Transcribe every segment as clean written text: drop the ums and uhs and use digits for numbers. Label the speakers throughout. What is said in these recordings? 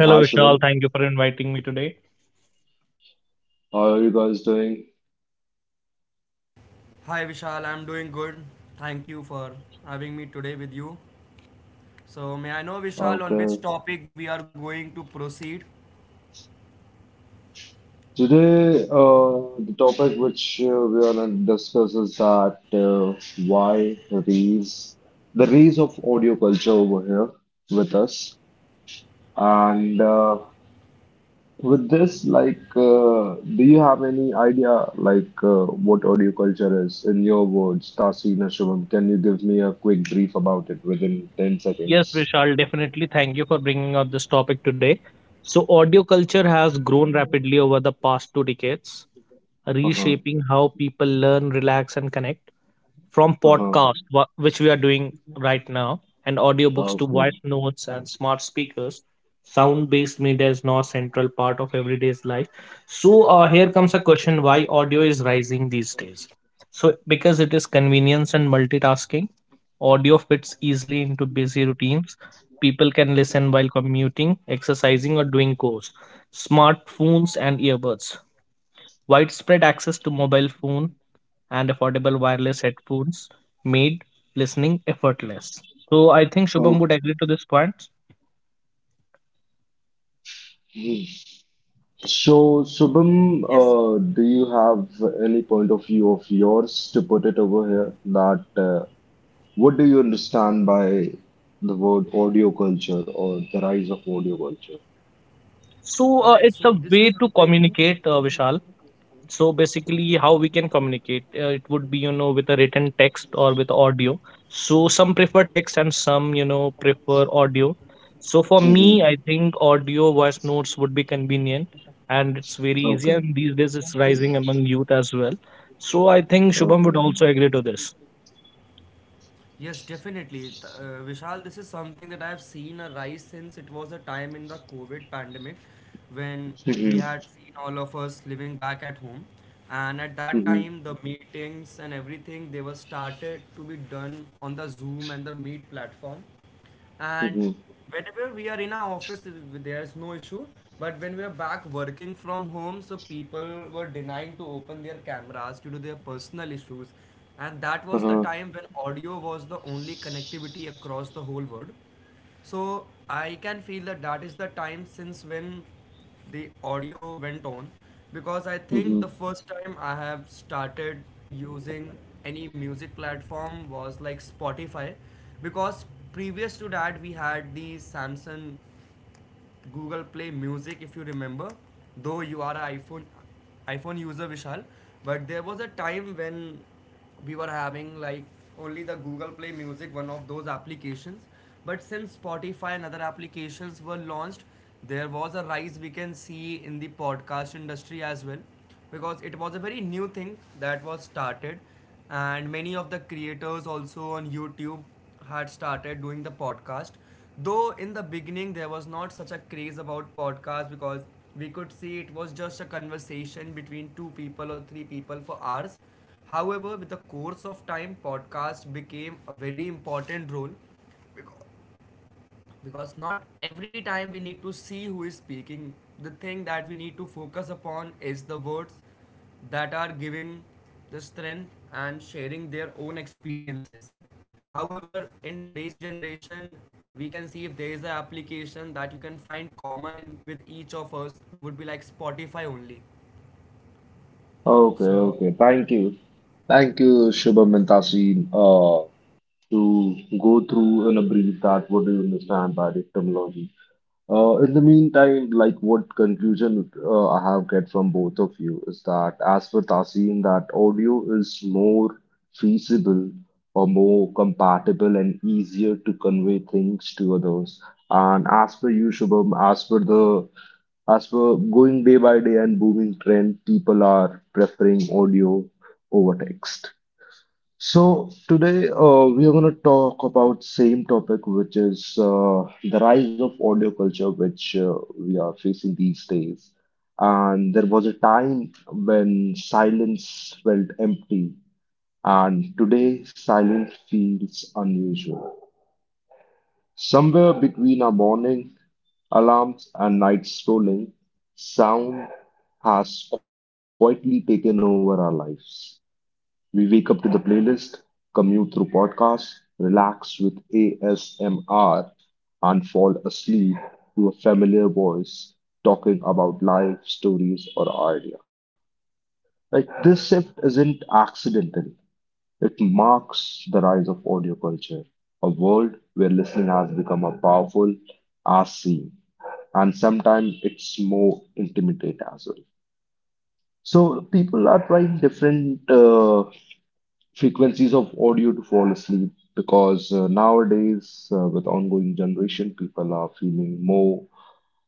Speaker 1: Hello,
Speaker 2: hi
Speaker 1: Vishal. Thank you
Speaker 2: Shubham.
Speaker 1: for inviting me today.
Speaker 2: How are you guys doing?
Speaker 3: Hi Vishal, I'm doing good. Thank you for having me today with you. So, may I know, Vishal, on
Speaker 2: Okay.
Speaker 3: which topic we are going to proceed?
Speaker 2: Today, the topic which we are gonna discuss is that why Reels, the Reels of audio culture over here with us. And with this, do you have any idea, what audio culture is in your words, Tasin and Shubham? Can you give me a quick brief about it within 10
Speaker 1: Yes,
Speaker 2: seconds?
Speaker 1: Vishal, definitely thank you for bringing up this topic today. So, audio culture has grown rapidly over the past 2 decades,
Speaker 2: Uh-huh.
Speaker 1: reshaping how people learn, relax, and connect. From
Speaker 2: Uh-huh.
Speaker 1: podcast, which we are doing right now, and audiobooks to
Speaker 2: Okay.
Speaker 1: voice notes and smart speakers, sound based media is now a central part of everyday's life. So, here comes a question: why audio is rising these days? So, because it is convenience and multitasking, audio fits easily into busy routines. People can listen while commuting, exercising, or doing chores. Smartphones and earbuds, widespread access to mobile phone, and affordable wireless headphones made listening effortless. So I think Shubham would
Speaker 2: Okay.
Speaker 1: agree to this point.
Speaker 2: Mm. So,
Speaker 3: Yes.
Speaker 2: Shubham, do you have any point of view of yours to put it over here? That what do you understand by the word audio culture or the rise of audio culture?
Speaker 3: All
Speaker 1: So,
Speaker 3: right, so
Speaker 1: it's a
Speaker 3: this is
Speaker 1: way to
Speaker 3: something,
Speaker 1: communicate, Vishal. So basically, how we can communicate? It would be with a written text or with audio. So some prefer text and some prefer audio. So for me, I
Speaker 2: Hmm.
Speaker 1: think audio voice notes would be convenient and it's very easy.
Speaker 2: Okay.
Speaker 1: And these days, it's rising among youth as well. So I think Shubham would
Speaker 2: Okay.
Speaker 1: also agree to this.
Speaker 3: yes, definitely. Vishal, this is something that I have seen a rise since it was a time in the COVID pandemic when
Speaker 2: Hmm.
Speaker 3: we had seen all of us living back at home. And at that
Speaker 2: Hmm.
Speaker 3: time, the meetings and everything, they were started to be done on the Zoom and the Meet platform. And
Speaker 2: Hmm.
Speaker 3: whenever we are in our office, there's no issue, but when we are back working from home, so people were denying to open their cameras due to their personal issues. And that was the
Speaker 2: Uh-huh.
Speaker 3: time when audio was the only connectivity across the whole world. So I can feel that that is the time since when the audio went on, because I think
Speaker 2: Hmm.
Speaker 3: the first time I have started using any music platform was like Spotify, because previous to that we had the Samsung Google Play Music, if you remember, though you are an iPhone user, Vishal, but there was a time when we were having like only the Google Play Music, one of those applications. But since Spotify and other applications were launched, there was a rise we can see in the podcast industry as well, because it was a very new thing that was started, and many of the creators also on YouTube had started doing the podcast. Though in the beginning there was not such a craze about podcasts, because we could see it was just a conversation between two people or three people for hours. However, with the course of time, podcast became a very important role, because because not every time we need to see who is speaking. The thing that we need to focus upon is the words that are giving the strength and sharing their own experiences. However, in today's generation, we can see if there is an application that you can find common in with each of us would be like Spotify only.
Speaker 2: Okay,
Speaker 3: So
Speaker 2: okay. Thank you. Thank you, Shubham and Tasin, to go through in a brief that what do you understand by the terminology. In the meantime, like what conclusion I have get from both of you is that as for Tasin, that audio is more feasible or more compatible and easier to convey things to others. And as for you, Shubham, as for the as for going day by day and booming trend, people are preferring audio over text. So today we are going to talk about same topic, which is the rise of audio culture, which we are facing these days. And there was a time when silence felt empty, and today silence feels unusual. Somewhere between our morning alarms and night scrolling, sound has quietly taken over our lives. We wake up to the playlist, commute through podcasts, relax with ASMR, and fall asleep to a familiar voice talking about life, stories, or idea. Like this shift isn't accidental. It marks the rise of audio culture, a world where listening has become as powerful as seeing, and sometimes it's more intimate as well. So people are trying different frequencies of audio to fall asleep because nowadays with ongoing generation people are feeling more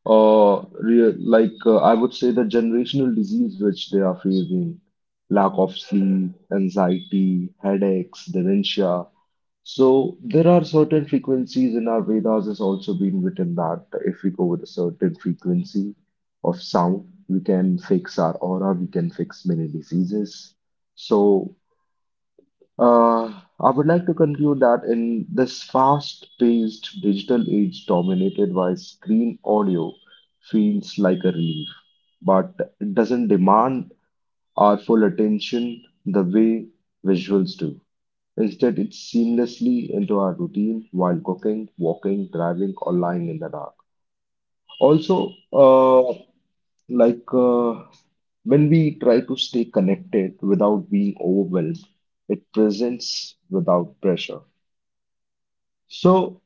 Speaker 2: real I would say the generational disease which they are facing, lack of sleep, anxiety, headaches, dementia. So there are certain frequencies in our Vedas is also being written that if we go with a certain frequency of sound, we can fix our aura, we can fix many diseases. So uh, I would like to conclude that in this fast-paced digital age dominated by screen, audio feels like a relief, but it doesn't demand our full attention the way visuals do. Instead, it seamlessly into our routine while cooking, walking, driving, or lying in the dark. Also, like uh, when we try to stay connected without being overwhelmed, it presents without pressure. So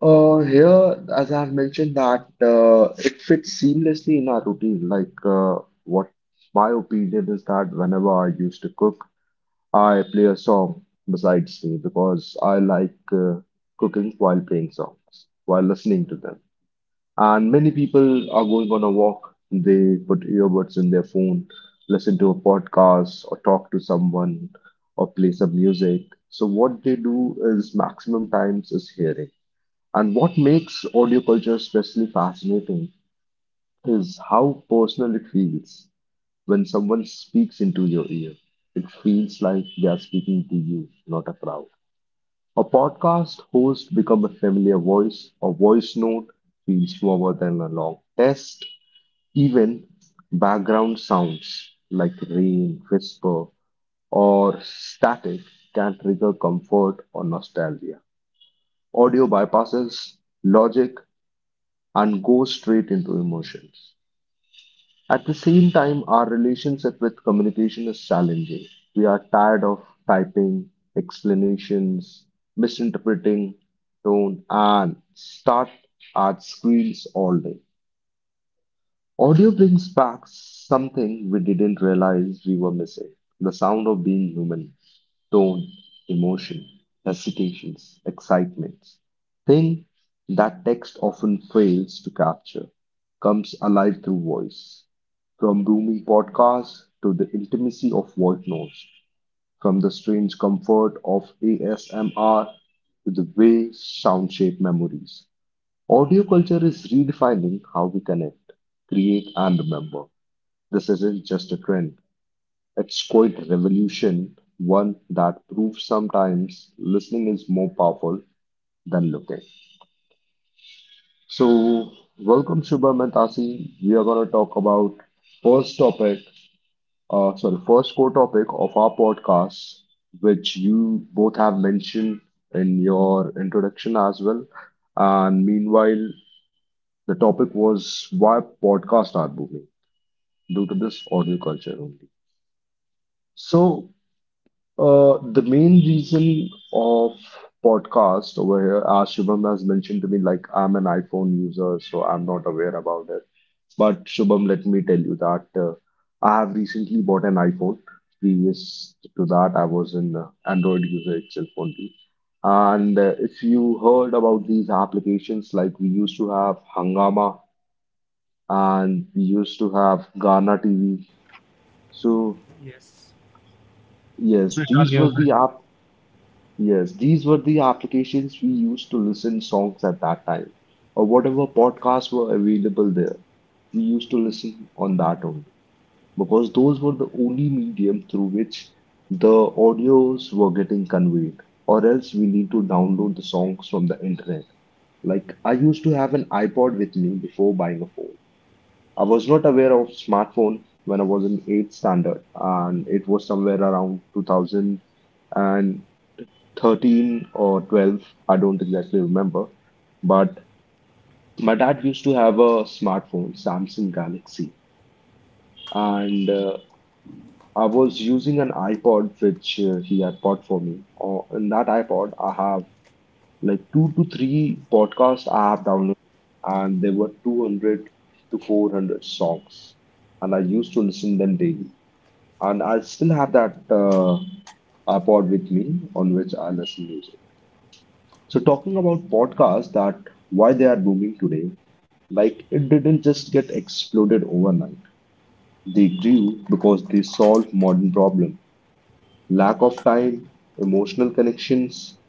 Speaker 2: here, as I've mentioned, that it fits seamlessly in our routine. What my opinion is that whenever I used to cook, I play a song besides me because I like cooking while playing songs, while listening to them. And many people are going on a walk. They put earbuds in their phone, listen to a podcast, or talk to someone, or play some music. So, what they do is maximum times is hearing. And what makes audio culture especially fascinating is how personal it feels when someone speaks into your ear. It feels like they are speaking to you, not a crowd. A podcast host become a familiar voice. A voice note feels warmer than a long test. Even background sounds like rain, whisper, or static can trigger comfort or nostalgia. Audio bypasses logic and goes straight into emotions. At the same time, our relationship with communication is challenging. We are tired of typing explanations, misinterpreting tone, and start at screens all day. Audio brings back something we didn't realize we were missing, the sound of being human, tone, emotion, hesitations, excitements. Thing that text often fails to capture comes alive through voice. From booming podcasts to the intimacy of voice notes, from the strange comfort of ASMR to the way sound shape memories. Audio culture is redefining how we connect, create, and remember. This isn't just a trend, it's quite a revolution, one that proves sometimes listening is more powerful than looking. So, welcome Shubham and Tasi. We are going to talk about first topic, sorry, first core topic of our podcast, which you both have mentioned in your introduction as well. And meanwhile, the topic was why podcasts are booming due to this audio culture only. So, the main reason of podcast over here, as Shubham has mentioned to me, like I'm an iPhone user, so I'm not aware about it. But Shubham, let me tell you that I have recently bought an iPhone. Previous to that, I was an Android user itself only. And if you heard about these applications, like we used to have Hangama and we used to have Ghana TV. So
Speaker 3: yes.
Speaker 1: Yes,
Speaker 2: yes,
Speaker 1: Vishal,
Speaker 2: these
Speaker 1: you're—
Speaker 2: were the app yes, these were the applications we used to listen songs at that time, or whatever podcasts were available there. We used to listen on that only because those were the only medium through which the audios were getting conveyed, or else we need to download the songs from the internet. Like I used to have an iPod with me before buying a phone. I was not aware of smartphone when I was in eighth standard, and it was somewhere around 2013 or 12. I don't exactly remember, but my dad used to have a smartphone, Samsung Galaxy, and I was using an iPod which he had bought for me. Or in that iPod, I have like two to three podcasts I have downloaded, and there were 200 to 400 songs, and I used to listen them daily. And I still have that iPod with me on which I listen music. So talking about podcasts, that why they are booming today, like it didn't just get exploded overnight. They grew because they solve modern problem, lack of time, emotional connections,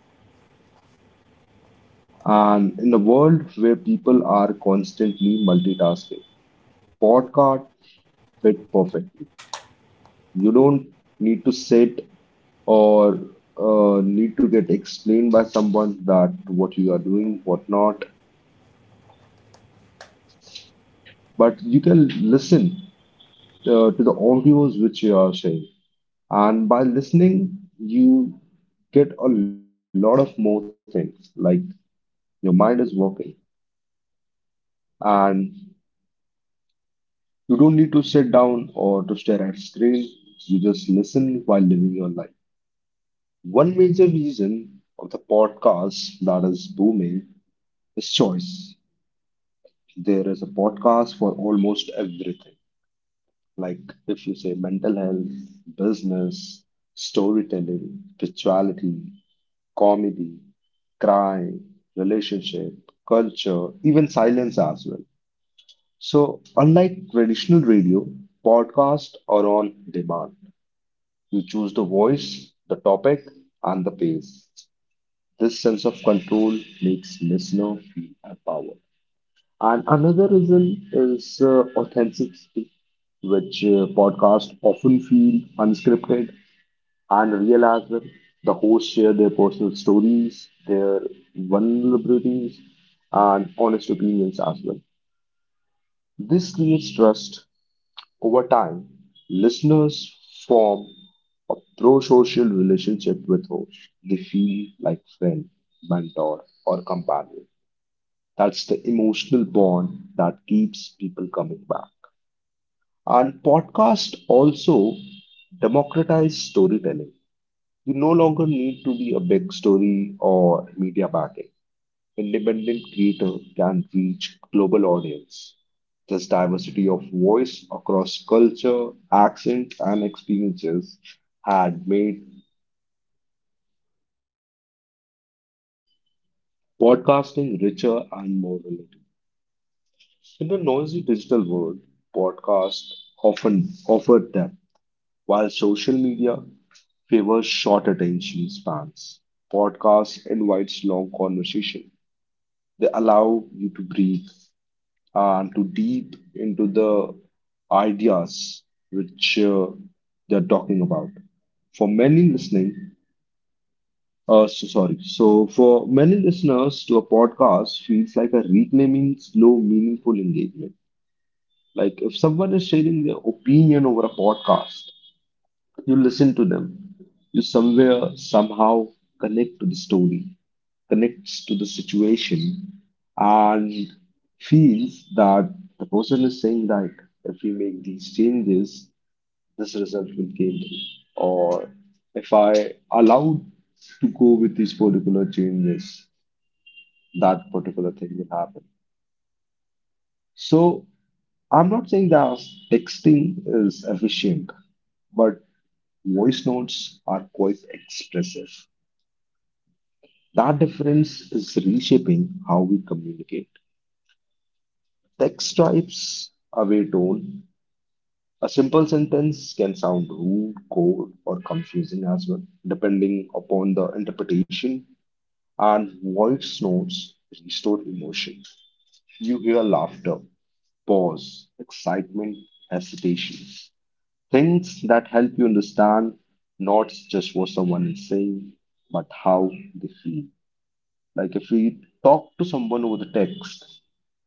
Speaker 2: and in a world where people are constantly multitasking, podcast fit perfectly. You don't need to sit or need to get explained by someone that what you are doing, what not, but you can listen to the audios which you are saying. And by listening, you get a lot of more things. Like your mind is working, and you don't need to sit down or to stare at screen. You just listen while living your life. One major reason of the podcast that is booming, it's choice. There is a podcast for almost everything. Like if you say mental health, business, storytelling, spirituality, comedy, crime, relationship, culture, even silence as well. So, unlike traditional radio, podcasts are on demand. You choose the voice, the topic, and the pace. This sense of control makes listener feel empowered. And another reason is authenticity, which podcasts often feel unscripted and real as well. The hosts share their personal stories, their vulnerabilities, and honest opinions as well. This creates trust over time. Listeners form a pro-social relationship with hosts. They feel like friend, mentor, or companion. That's the emotional bond that keeps people coming back. And podcast also democratize storytelling. You no longer need to be a big story or media backing. Independent creator can reach global audience. This diversity of voice across culture, accents, and experiences had made podcasting richer and more relatable. In the noisy digital world, podcasts often offer depth. While social media favors short attention spans, podcasts invites long conversation. They allow you to breathe and to deep into the ideas which they're talking about. For many listening, so sorry. So for many listeners to a podcast feels like a reclaiming slow, meaningful engagement. Like if someone is sharing their opinion over a podcast, you listen to them. You somewhere, somehow connect to the story, connects to the situation, and feels that the person is saying right. If we make these changes, this result will came through. Or if I allowed to go with these particular changes, that particular thing will happen. So I'm not saying that texting is efficient, but voice notes are quite expressive. That difference is reshaping how we communicate. Text types away tone. A simple sentence can sound rude, cold, or confusing as well, depending upon the interpretation. And voice notes restore emotion. You hear laughter, pause, excitement, hesitation. Things that help you understand not just what someone is saying, but how they feel. Like if we talk to someone over the text,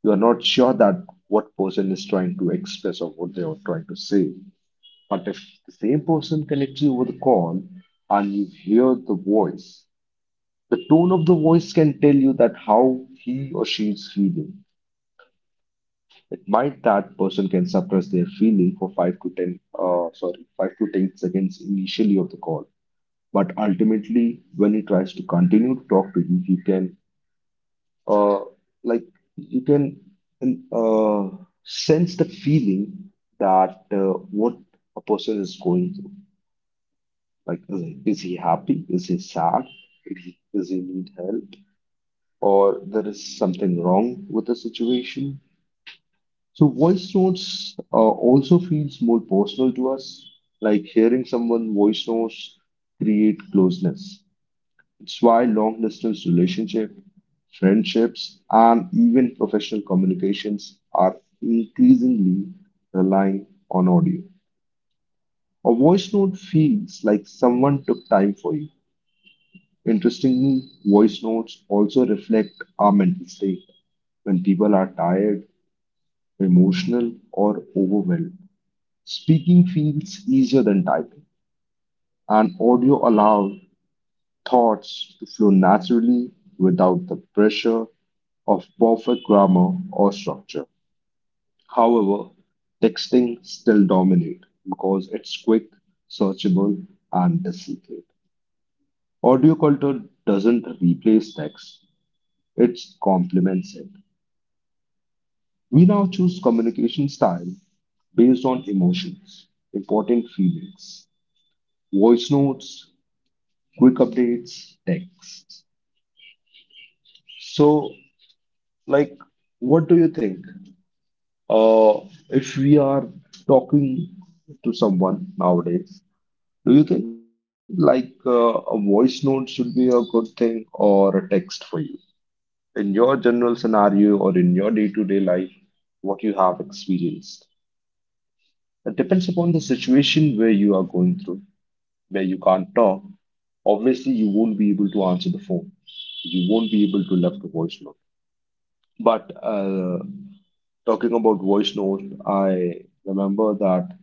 Speaker 2: you are not sure that what person is trying to express or what they are trying to say. But if the same person connects you over the call and you hear the voice, the tone of the voice can tell you that how he or she is feeling. It might that person can suppress their feeling for 5 to 10 seconds initially of the call, but ultimately when he tries to continue to talk to you you can uh, like you can uh, sense the feeling that what a person is going through, like is he happy, is he sad, does he need help, or there is something wrong with the situation. So voice notes also feels more personal to us, like hearing someone voice notes create closeness. It's why long distance relationships, friendships, and even professional communications are increasingly relying on audio. A voice note feels like someone took time for you. Interestingly, voice notes also reflect our mental state. When people are tired, emotional, or overwhelmed, speaking feels easier than typing, and audio allows thoughts to flow naturally without the pressure of perfect grammar or structure. However, texting still dominates because it's quick, searchable, and distinctive. Audio culture doesn't replace text, it complements it. We now choose communication style based on emotions, important feelings, voice notes, quick updates, texts. So, like, what do you think? Uh, if we are talking to someone nowadays, do you think like a voice note should be a good thing or a text for you? In your general scenario or in your day-to-day life, what you have experienced. It depends upon the situation where you are going through, where you can't talk. Obviously, you won't be able to answer the phone. You won't be able to left a voice note. But talking about voice note, I remember that.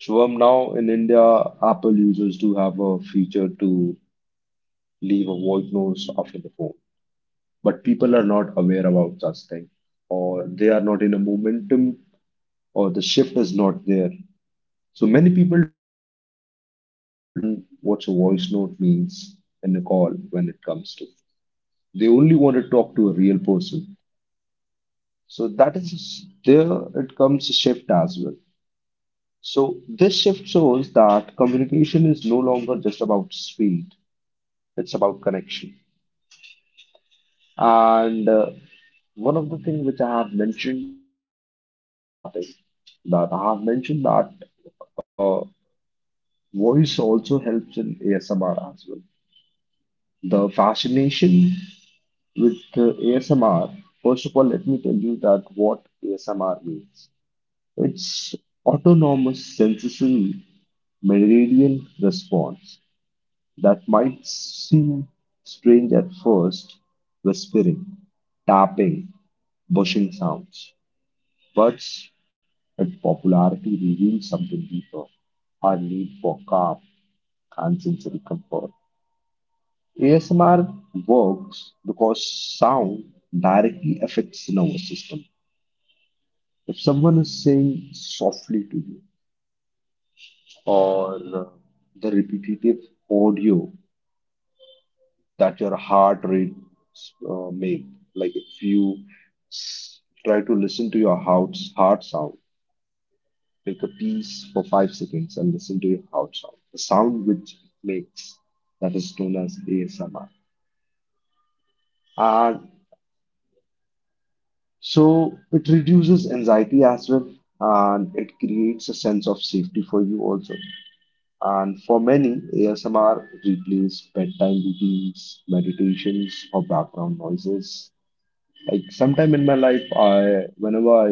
Speaker 2: Shubham, now in India, Apple users do have a feature to leave a voice note after the phone, but people are not aware about such thing, or they are not in a momentum, or the shift is not there. So many people don't understand what a voice note means in a call when it comes to. They only want to talk to a real person. So that is there. It comes a shift as well. So this shift shows that communication is no longer just about speed. It's about connection. And one of the things which I have mentioned in my starting, that I have mentioned that uh, voice also helps in ASMR as well. The fascination with ASMR, first of all, let me tell you that what ASMR means. It's autonomous sensory meridian response that might seem strange at first, whispering, tapping, bushing sounds. But its popularity reveals something deeper, our need for calm and sensory comfort. ASMR works because sound directly affects the nervous system. If someone is saying softly to you, or the repetitive audio that your heart rate make, like if you s- try to listen to your heart sound. Pick a piece for 5 seconds and listen to your heart sound, the sound which it makes. That is known as ASMR. And so it reduces anxiety as well, and it creates a sense of safety for you also. And for many, ASMR replaces bedtime routines, meditations, or background noises. Like sometime in my life, I whenever I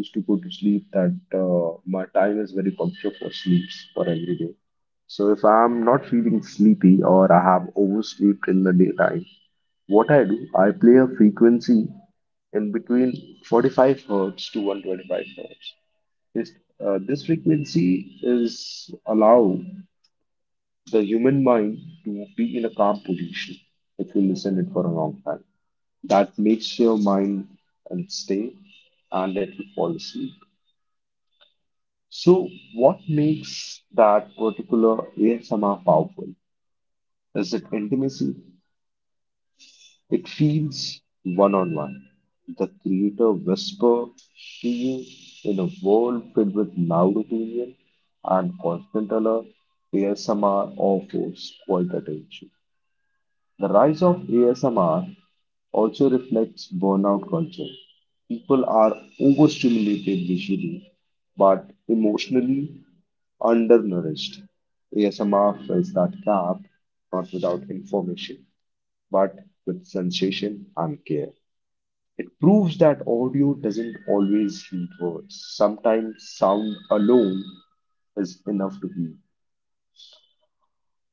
Speaker 2: used to go to sleep, that my time is very punctual for sleeps for every day. So if I'm not feeling sleepy or I have overslept in the daytime, what I do, I play a frequency in between 45 hertz to 125 hertz. This, this frequency is allow the human mind to be in a calm position. If you listen it for a long time, that makes your mind unstable and it will fall asleep. So, what makes that particular ASMR powerful is that intimacy. It feels one on one. The creator whisper to you in a world filled with loud opinion and constant alert. ASMR offers quiet attention. The rise of ASMR also reflects burnout culture. People are overstimulated visually but emotionally undernourished. ASMR fills that gap not without information but with sensation and care. It proves that audio doesn't always need words. Sometimes sound alone is enough to heal.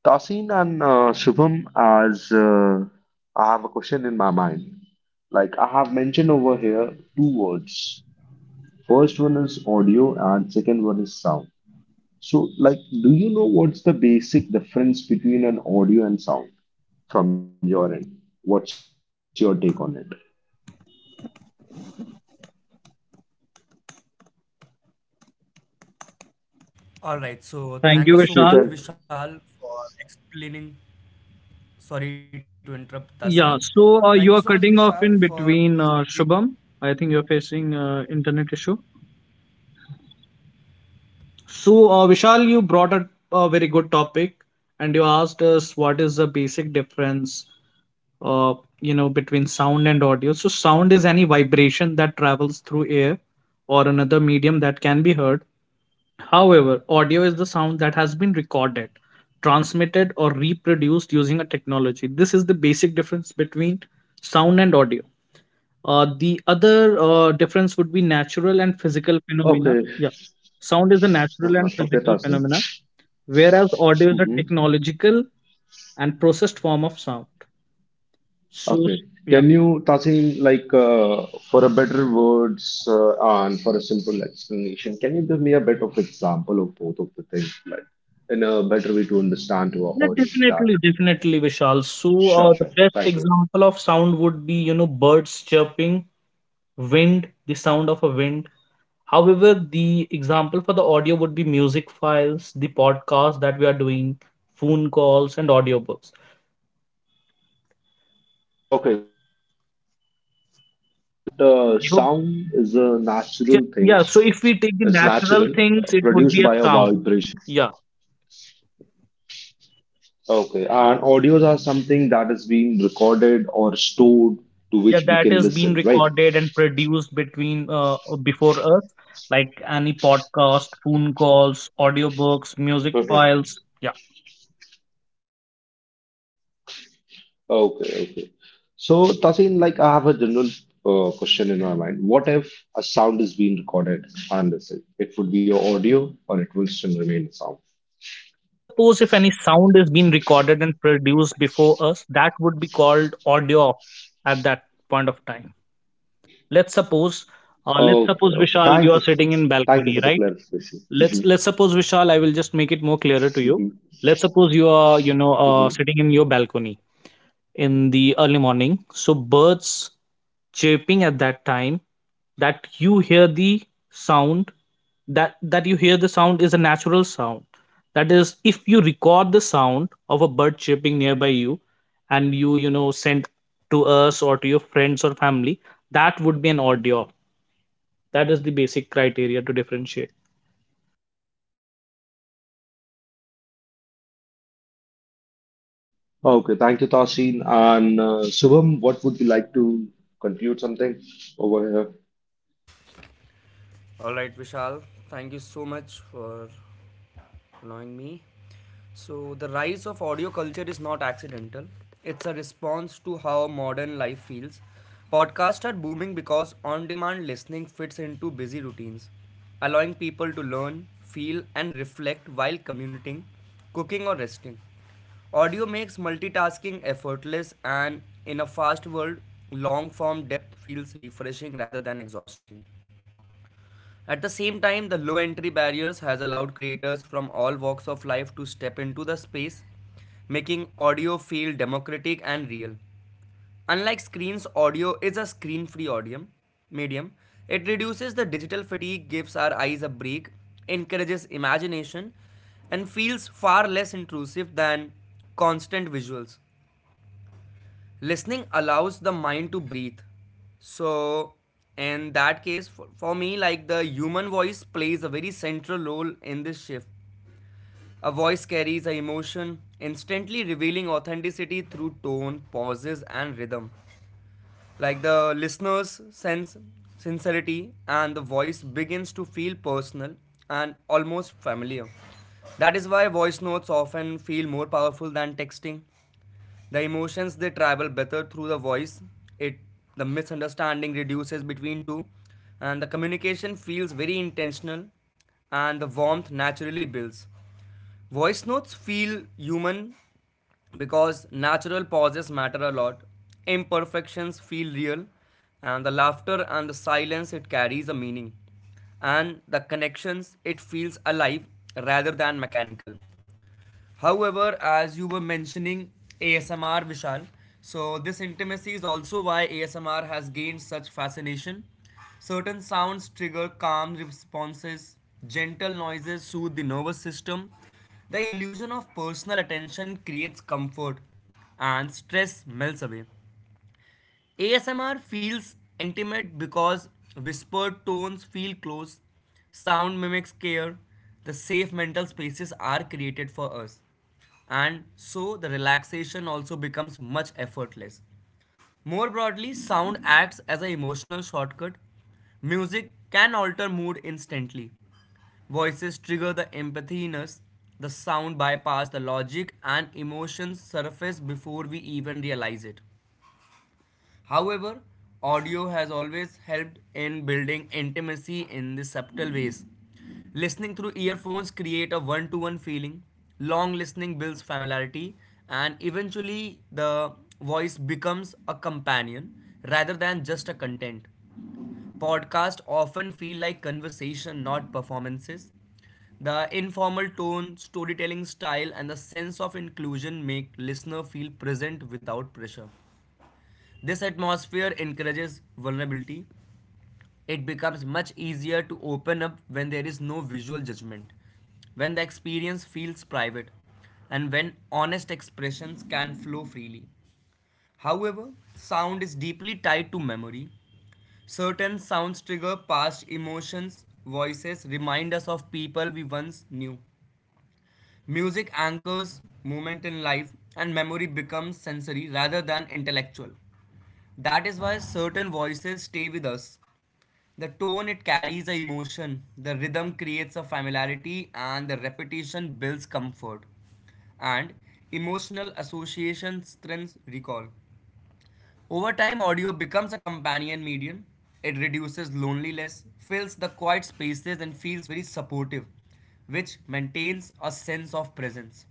Speaker 2: Tasin and Shubham, as I have a question in my mind. Like I have mentioned over here, two words. First one is audio, and second one is sound. So, like, do you know what's the basic difference between an audio and sound from your end? What's your take on it?
Speaker 3: All right, so
Speaker 1: Thank you,
Speaker 3: thank you
Speaker 2: If you
Speaker 3: so much,
Speaker 1: Vishal.
Speaker 2: can.
Speaker 3: Vishal, for explaining. Sorry to interrupt, Tasin.
Speaker 1: Yeah,
Speaker 3: Thank you so much,
Speaker 1: so you are
Speaker 3: Vishal,
Speaker 1: cutting
Speaker 3: for.
Speaker 1: off in between, Shubham. I think you're facing internet issue. So, Vishal, you brought up a very good topic, and you asked us what is the basic difference, uh, between sound and audio. So, sound is any vibration that travels through air or another medium that can be heard. However, audio is the sound that has been recorded, transmitted, or reproduced using a technology. This is the basic difference between sound and audio. The other difference would be natural and physical phenomena.
Speaker 2: Okay.
Speaker 1: Yeah, sound is a natural
Speaker 2: Uh-huh.
Speaker 1: and
Speaker 2: Okay,
Speaker 1: physical
Speaker 2: Tasin.
Speaker 1: phenomena, whereas audio is a
Speaker 2: Mm-hmm.
Speaker 1: technological and processed form of sound. So,
Speaker 2: Okay.
Speaker 1: yeah,
Speaker 2: Can you, Tasin, like for a better words and for a simple explanation, can you give me a bit of example of both of the things, like in a better way to understand to
Speaker 1: yeah,
Speaker 2: our audience
Speaker 1: definitely,
Speaker 2: that?
Speaker 1: definitely, Vishal. So, the
Speaker 2: Sure,
Speaker 1: best
Speaker 2: sure. Thank you.
Speaker 1: example of sound would be birds chirping, wind, the sound of a wind. However, the example for the audio would be music files, the podcast that we are doing, phone calls, and audiobooks.
Speaker 2: Okay, so you mean that sound is a natural thing,
Speaker 1: Yeah, so if we
Speaker 2: it's
Speaker 1: take the
Speaker 2: natural,
Speaker 1: natural things, it
Speaker 2: produced
Speaker 1: would
Speaker 2: by
Speaker 1: be
Speaker 2: a
Speaker 1: a sound.
Speaker 2: vibration.
Speaker 1: Yeah,
Speaker 2: Okay, and audios are something that is being recorded or stored, to
Speaker 1: Yeah,
Speaker 2: which we
Speaker 1: that
Speaker 2: can
Speaker 1: is being
Speaker 2: listen, right?
Speaker 1: recorded and produced between before us, like any podcast, phone calls, audiobooks, music files.
Speaker 2: Mhm.
Speaker 1: Yeah.
Speaker 2: Okay, okay. So, Tasin, like I have a general question in my mind. What if a sound is being recorded and listened? It would be audio or it will still remain sound.
Speaker 1: So let's suppose if any sound is being recorded and produced before us, that would be called audio at that point of time. Let's suppose,
Speaker 2: Okay, okay.
Speaker 1: Vishal, you
Speaker 2: Thank
Speaker 1: are
Speaker 2: you.
Speaker 1: sitting in
Speaker 2: Thank you
Speaker 1: balcony,
Speaker 2: for the
Speaker 1: right?
Speaker 2: clarification.
Speaker 1: let's
Speaker 2: Mhm,
Speaker 1: let's suppose Vishal, I will just make it more clearer to you.
Speaker 2: mhm,
Speaker 1: Let's suppose you are sitting in
Speaker 2: mhm.
Speaker 1: your balcony in the early morning, so birds chirping at that time, that you hear the sound, that you hear the sound is a natural sound, that is if you record the sound of a bird chirping nearby you and you you know send to us or to your friends or family, that would be an audio. That is the basic criteria to differentiate.
Speaker 2: Okay, thank you, Tasin. And Shubham, what would you like to conclude something over here?
Speaker 3: All right, Vishal. Thank you so much for allowing me. So, the rise of audio culture is not accidental, it's a response to how modern life feels. Podcasts are booming because on demand listening fits into busy routines, allowing people to learn, feel, and reflect while commuting, cooking, or resting. Audio makes multitasking effortless, and in a fast world, long form depth feels refreshing rather than exhausting. At the same time, the low entry barriers has allowed creators from all walks of life to step into the space, making audio feel democratic and real. Unlike screens, audio is a screen-free audio medium. It reduces the digital fatigue, gives our eyes a break, encourages imagination, and feels far less intrusive than constant visuals. Listening allows the mind to breathe. So in that case for me, like, the human voice plays a very central role in this shift. A voice carries a emotion, instantly revealing authenticity through tone, pauses, and rhythm. Like, the listeners sense sincerity and the voice begins to feel personal and almost familiar. That is why voice notes often feel more powerful than texting. The emotions, they travel better through the voice. It the misunderstanding reduces between two, and the communication feels very intentional, and the warmth naturally builds. Voice notes feel human because natural pauses matter a lot. Imperfections feel real, and the laughter and the silence, it carries a meaning, and the connections, it feels alive rather than mechanical. However, as you were mentioning ASMR, Vishal, so this intimacy is also why ASMR has gained such fascination. Certain sounds trigger calm responses, gentle noises soothe the nervous system. The illusion of personal attention creates comfort, and stress melts away. ASMR feels intimate because whispered tones feel close, sound mimics care, the safe mental spaces are created for us, and so the relaxation also becomes much effortless. More broadly, sound acts as an emotional shortcut. Music can alter mood instantly. Voices trigger the empathy in us. The sound bypasses the logic and emotions surface before we even realize it. However, audio has always helped in building intimacy in the subtle ways. Listening through earphones create a one-to-one feeling. Long listening builds familiarity, and eventually the voice becomes a companion rather than just a content. Podcasts often feel like conversation, not performances. The informal tone, storytelling style, and the sense of inclusion make listener feel present without pressure. This atmosphere encourages vulnerability. It becomes much easier to open up when there is no visual judgment, when the experience feels private, and when honest expressions can flow freely. However, sound is deeply tied to memory. Certain sounds trigger past emotions, voices remind us of people we once knew. Music anchors moment in life, and memory becomes sensory rather than intellectual. That is why certain voices stay with us. The tone, it carries a emotion, the rhythm creates a familiarity, and the repetition builds comfort. And emotional association strengthens recall. Over time, audio becomes a companion medium. It reduces loneliness, fills the quiet spaces, and feels very supportive, which maintains a sense of presence.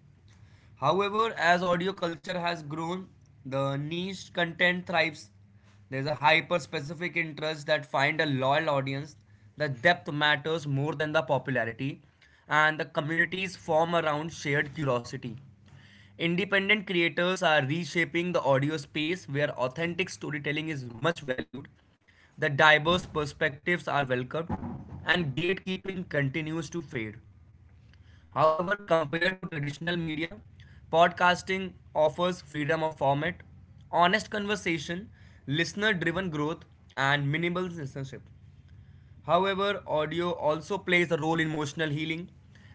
Speaker 3: However, as audio culture has grown, the niche content thrives. There's a hyper specific interest that find a loyal audience. The depth matters more than the popularity, and the communities form around shared curiosity. Independent creators are reshaping the audio space where authentic storytelling is much valued. The diverse perspectives are welcomed, and gatekeeping continues to fade. However, compared to traditional media, podcasting offers freedom of format, honest conversation, listener driven growth, and minimal censorship. However, audio also plays a role in emotional healing.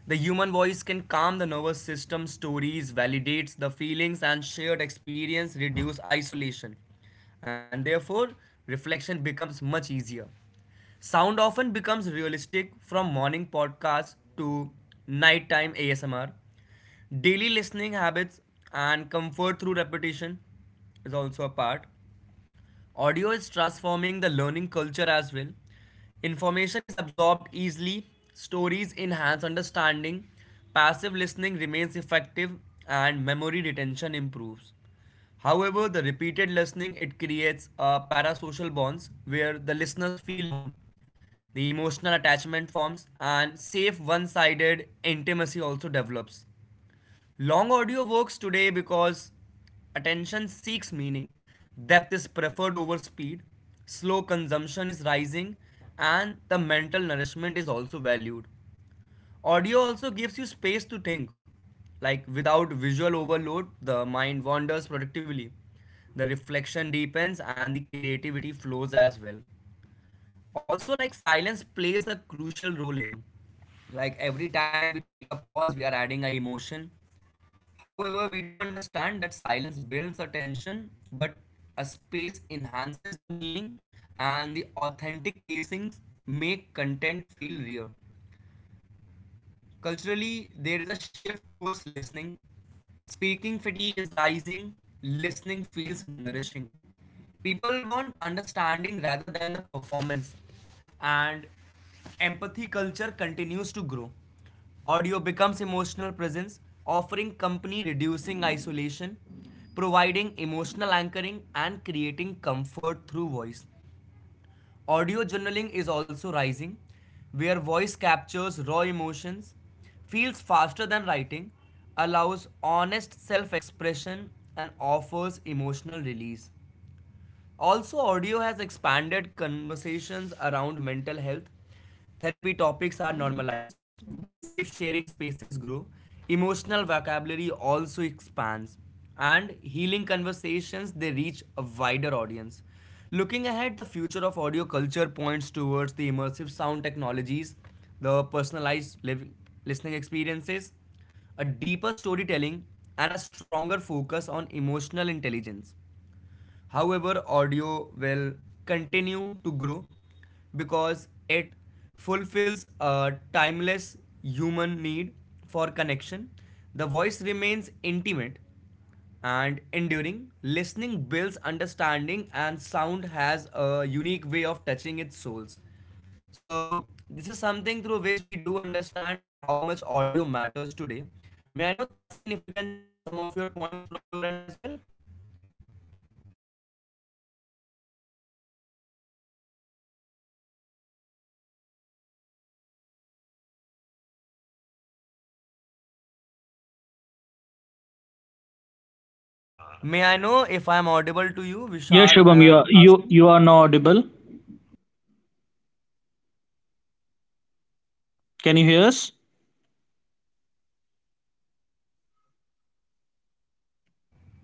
Speaker 3: The human voice can calm the nervous system, stories validates the feelings, and shared experience reduce isolation, and therefore reflection becomes much easier. Sound often becomes realistic from morning podcasts to nighttime ASMR. Daily listening habits and comfort through repetition is also a part. Audio is transforming the learning culture as well. Information is absorbed easily, stories enhance understanding, passive listening remains effective, and memory retention improves. However, the repeated listening, it creates parasocial bonds where the listeners feel known. The emotional attachment forms and safe one sided intimacy also develops. Long audio works today because attention seeks meaning. Depth is preferred over speed, slow consumption is rising, and the mental nourishment is also valued. Audio also gives you space to think. Like, without visual overload, the mind wanders productively. The reflection deepens and the creativity flows as well. Also, like, silence plays a crucial role here, like every time we take a pause, we are adding an emotion. However, we do understand that silence builds attention, but a space enhances the meaning, and the authentic pacings make content feel real. Culturally, there is a shift towards listening. Speaking fatigue is rising, listening feels nourishing. People want understanding rather than the performance, and empathy culture continues to grow. Audio becomes emotional presence, offering company, reducing isolation, providing emotional anchoring, and creating comfort through voice. Audio journaling is also rising, where voice captures raw emotions, feels faster than writing, allows honest self expression, and offers emotional release. Also, audio has expanded conversations around mental health. Therapy topics are normalized. Safe sharing spaces grow. Emotional vocabulary also expands. And healing conversations, they reach a wider audience. Looking ahead, the future of audio culture points towards the immersive sound technologies, the personalized living, listening experiences, a deeper storytelling, and a stronger focus on emotional intelligence. However, audio will continue to grow because it fulfills a timeless human need for connection. The voice remains intimate and enduring. Listening builds understanding, and sound has a unique way of touching its souls. So, this is something through which we do understand that how much audio matters today. May I know, Tasin, if you can share some of your points from your end as well? May I know if I am audible to you,
Speaker 1: Yeah,
Speaker 3: Vishal
Speaker 1: Shubham, you
Speaker 3: and
Speaker 1: are, you
Speaker 3: Tasin?
Speaker 1: you are now audible. Can you hear us?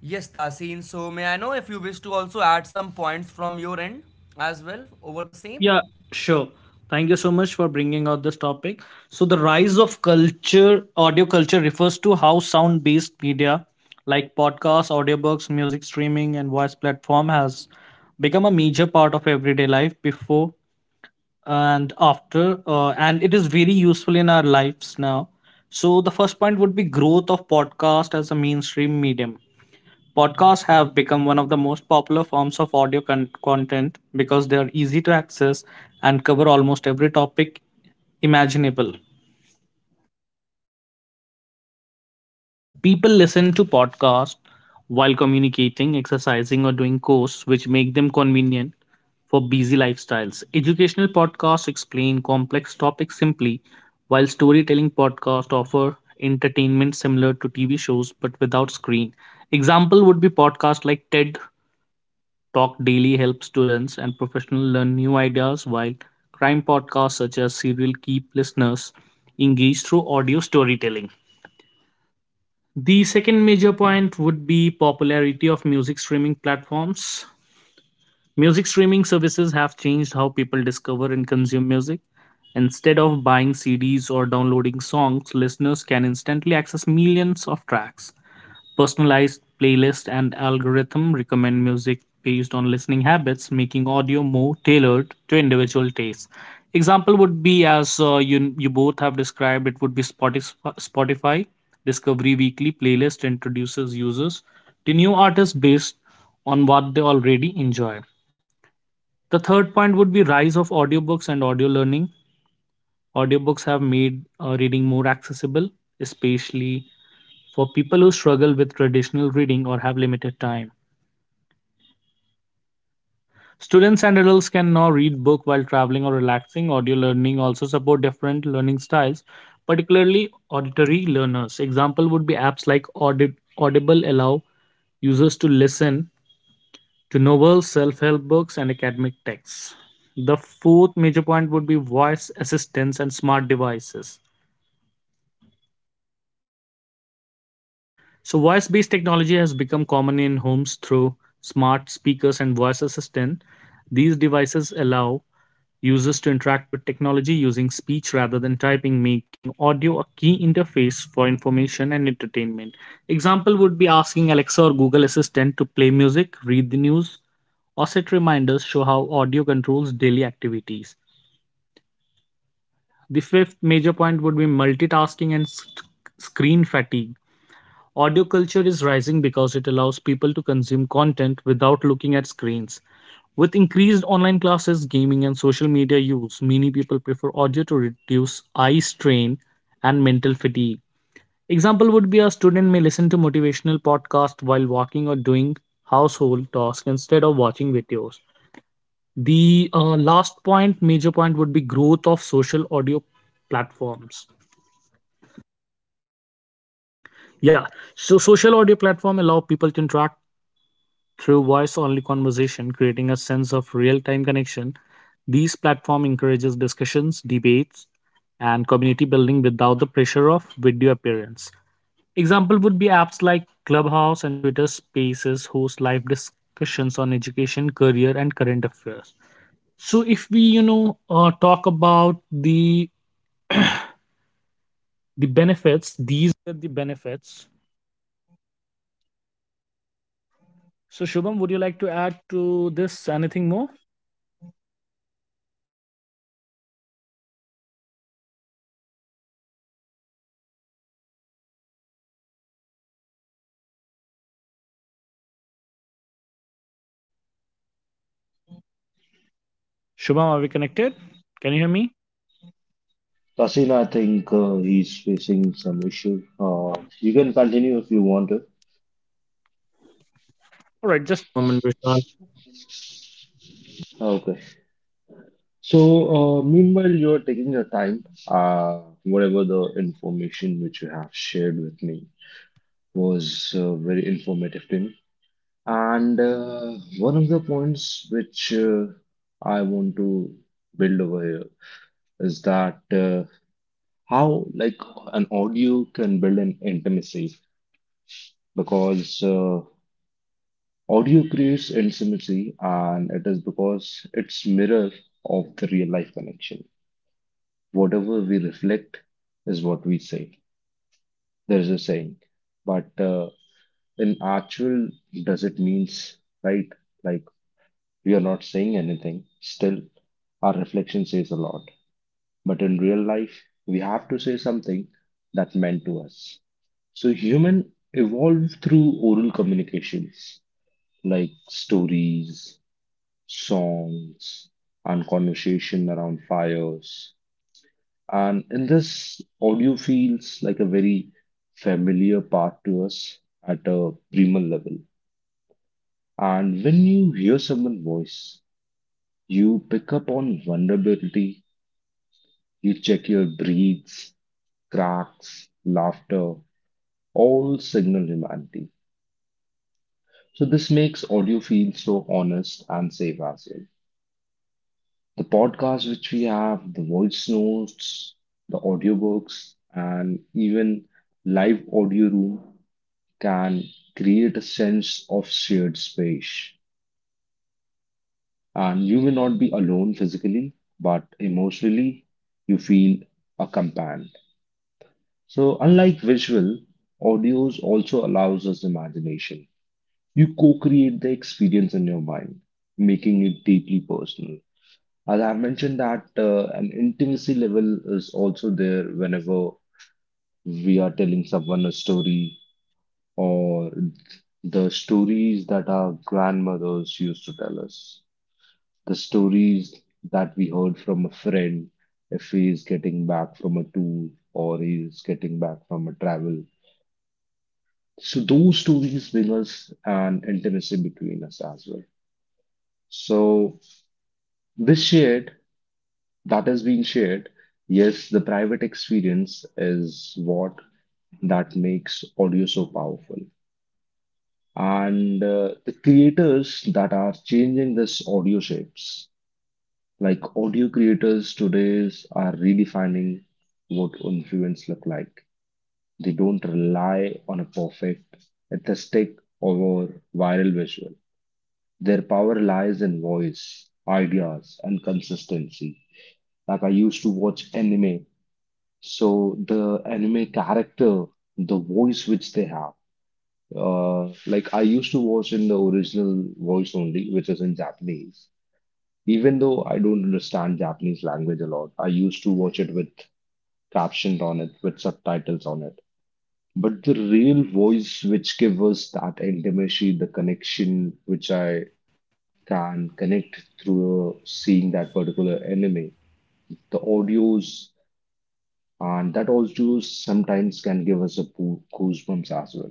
Speaker 3: Yes, Tasin. So, may I know if you wish to also add some points from your end as well over the same?
Speaker 1: Yeah, sure. Thank you so much for bringing out this topic. So the rise of culture, audio culture refers to how sound-based media like podcasts, audiobooks, music streaming, and voice platform has become a major part of everyday life before and after, and it is very useful in our lives now. So the first point would be growth of podcast as a mainstream medium. Podcasts have become one of the most popular forms of audio content because they are easy to access and cover almost every topic imaginable. People listen to podcasts while communicating, exercising, or doing course, which make them convenient for busy lifestyles. Educational podcasts explain complex topics simply, while storytelling podcasts offer entertainment similar to TV shows but without screen. Example would be podcasts like TED Talk Daily helps students and professionals learn new ideas, while crime podcasts such as Serial keep listeners engaged through audio storytelling. The second major point would be popularity of music streaming platforms. Music streaming services have changed how people discover and consume music. Instead of buying CDs or downloading songs, listeners can instantly access millions of tracks. Personalized playlist and algorithm recommend music based on listening habits, making audio more tailored to individual tastes. Example would be, as you both have described, it would be Spotify. Spotify Discovery Weekly playlist introduces users to new artists based on what they already enjoy. The third point would be rise of audiobooks and audio learning. Audiobooks have made reading more accessible, especially for people who struggle with traditional reading or have limited time. Students and adults can now read book while traveling or relaxing. Audio learning also support different learning styles, particularly auditory learners. Example would be apps like Audible allow users to listen to novels, self-help books, and academic texts. The fourth major point would be voice assistants and smart devices. So voice-based technology has become common in homes through smart speakers and voice assistant. These devices allow users to interact with technology using speech rather than typing, making audio a key interface for information and entertainment. Example would be asking Alexa or Google Assistant to play music, read the news, or set reminders show how audio controls daily activities. The fifth major point would be multitasking and screen fatigue. Audio culture is rising because it allows people to consume content without looking at screens. With increased online classes, gaming, and social media use, many people prefer audio to reduce eye strain and mental fatigue. Example would be a student may listen to motivational podcast while walking or doing household tasks instead of watching videos. The last point, major point, would be growth of social audio platforms. Yeah, so social audio platform allow people to interact through voice only conversation, creating a sense of real time connection, these platform encourages discussions, debates, and community building without the pressure of video appearance. Example would be apps like Clubhouse and Twitter Spaces host live discussions on education, career, and current affairs. So if we talk about the benefits—
Speaker 2: Tasin, I think he's facing some issue. You can continue if you want to. Okay. So, meanwhile, you're taking your time, whatever the information which you have shared with me was very informative to me. And one of the points which I want to build over here is that how like an audio can build an intimacy, because audio creates intimacy and it is because it's mirror of the real life connection, whatever we reflect is what we say. There is a saying, but in actual, does it means, right? Like we are not saying anything. Still, our reflection says a lot. But in real life, we have to say something that meant to us. So human evolved through oral communications like stories, songs, and conversation around fires. And in this, audio feels like a very familiar part to us at a primal level. And when you hear someone's voice, you pick up on vulnerability, you check your breathes, cracks, laughter, all signal humanity. So this makes audio feel so honest and safe as well. The podcast which we have, the voice notes, the audiobooks, and even live audio room can create a sense of shared space. And you may not be alone physically, but emotionally, you feel accompanied. So, unlike visual, audio also allows us imagination. You co create the experience in your mind, making it deeply personal. As I mentioned, that an intimacy level is also there whenever we are telling someone a story or the stories that our grandmothers used to tell us, the stories that we heard from a friend if he is getting back from a tour or he is getting back from a travel. So those stories bring us an intimacy between us as well. So this shared that has been shared, yes, the private experience is what that makes audio so powerful. And the creators that are changing this audio shapes, like audio creators today's are redefining what influence look like. They don't rely on a perfect aesthetic or viral visual. Their power lies in voice ideas and consistency. Like I used to watch anime, so the anime character, the voice which they have. Like I used to watch in the original voice only, which is in Japanese.
Speaker 3: All right.
Speaker 2: Even though
Speaker 3: So,
Speaker 2: I don't
Speaker 3: Vishal, I
Speaker 2: understand
Speaker 3: really
Speaker 2: Japanese language
Speaker 3: apologize.
Speaker 2: a
Speaker 3: I was
Speaker 2: lot, I used
Speaker 3: facing
Speaker 2: to
Speaker 3: some
Speaker 2: watch it with
Speaker 3: technical issue.
Speaker 2: captioned on it,
Speaker 3: So,
Speaker 2: with
Speaker 3: may I know
Speaker 2: subtitles
Speaker 3: if
Speaker 2: on it.
Speaker 3: I am
Speaker 2: But the
Speaker 3: audible
Speaker 2: real
Speaker 3: to you right
Speaker 2: voice
Speaker 3: now?
Speaker 2: which gives us that intimacy, the connection which I can connect through seeing that particular anime, the audios, and that also sometimes can give us a goosebumps as well.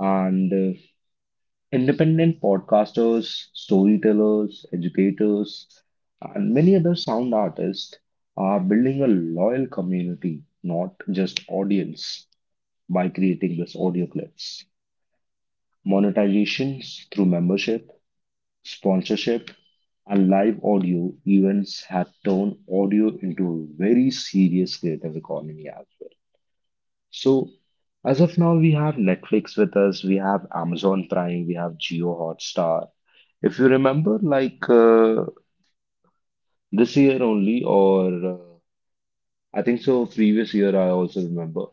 Speaker 2: And Independent podcasters, storytellers, educators, and many other sound artists are building a loyal community, not just audience, by creating this audio clips. Monetizations through membership, sponsorship, and live audio events have turned audio into a very serious creative economy as well. So as of now, we have Netflix with us, we have Amazon Prime, we have Jio Hotstar. If you remember, like this year only, or I think so, previous year, I also remember,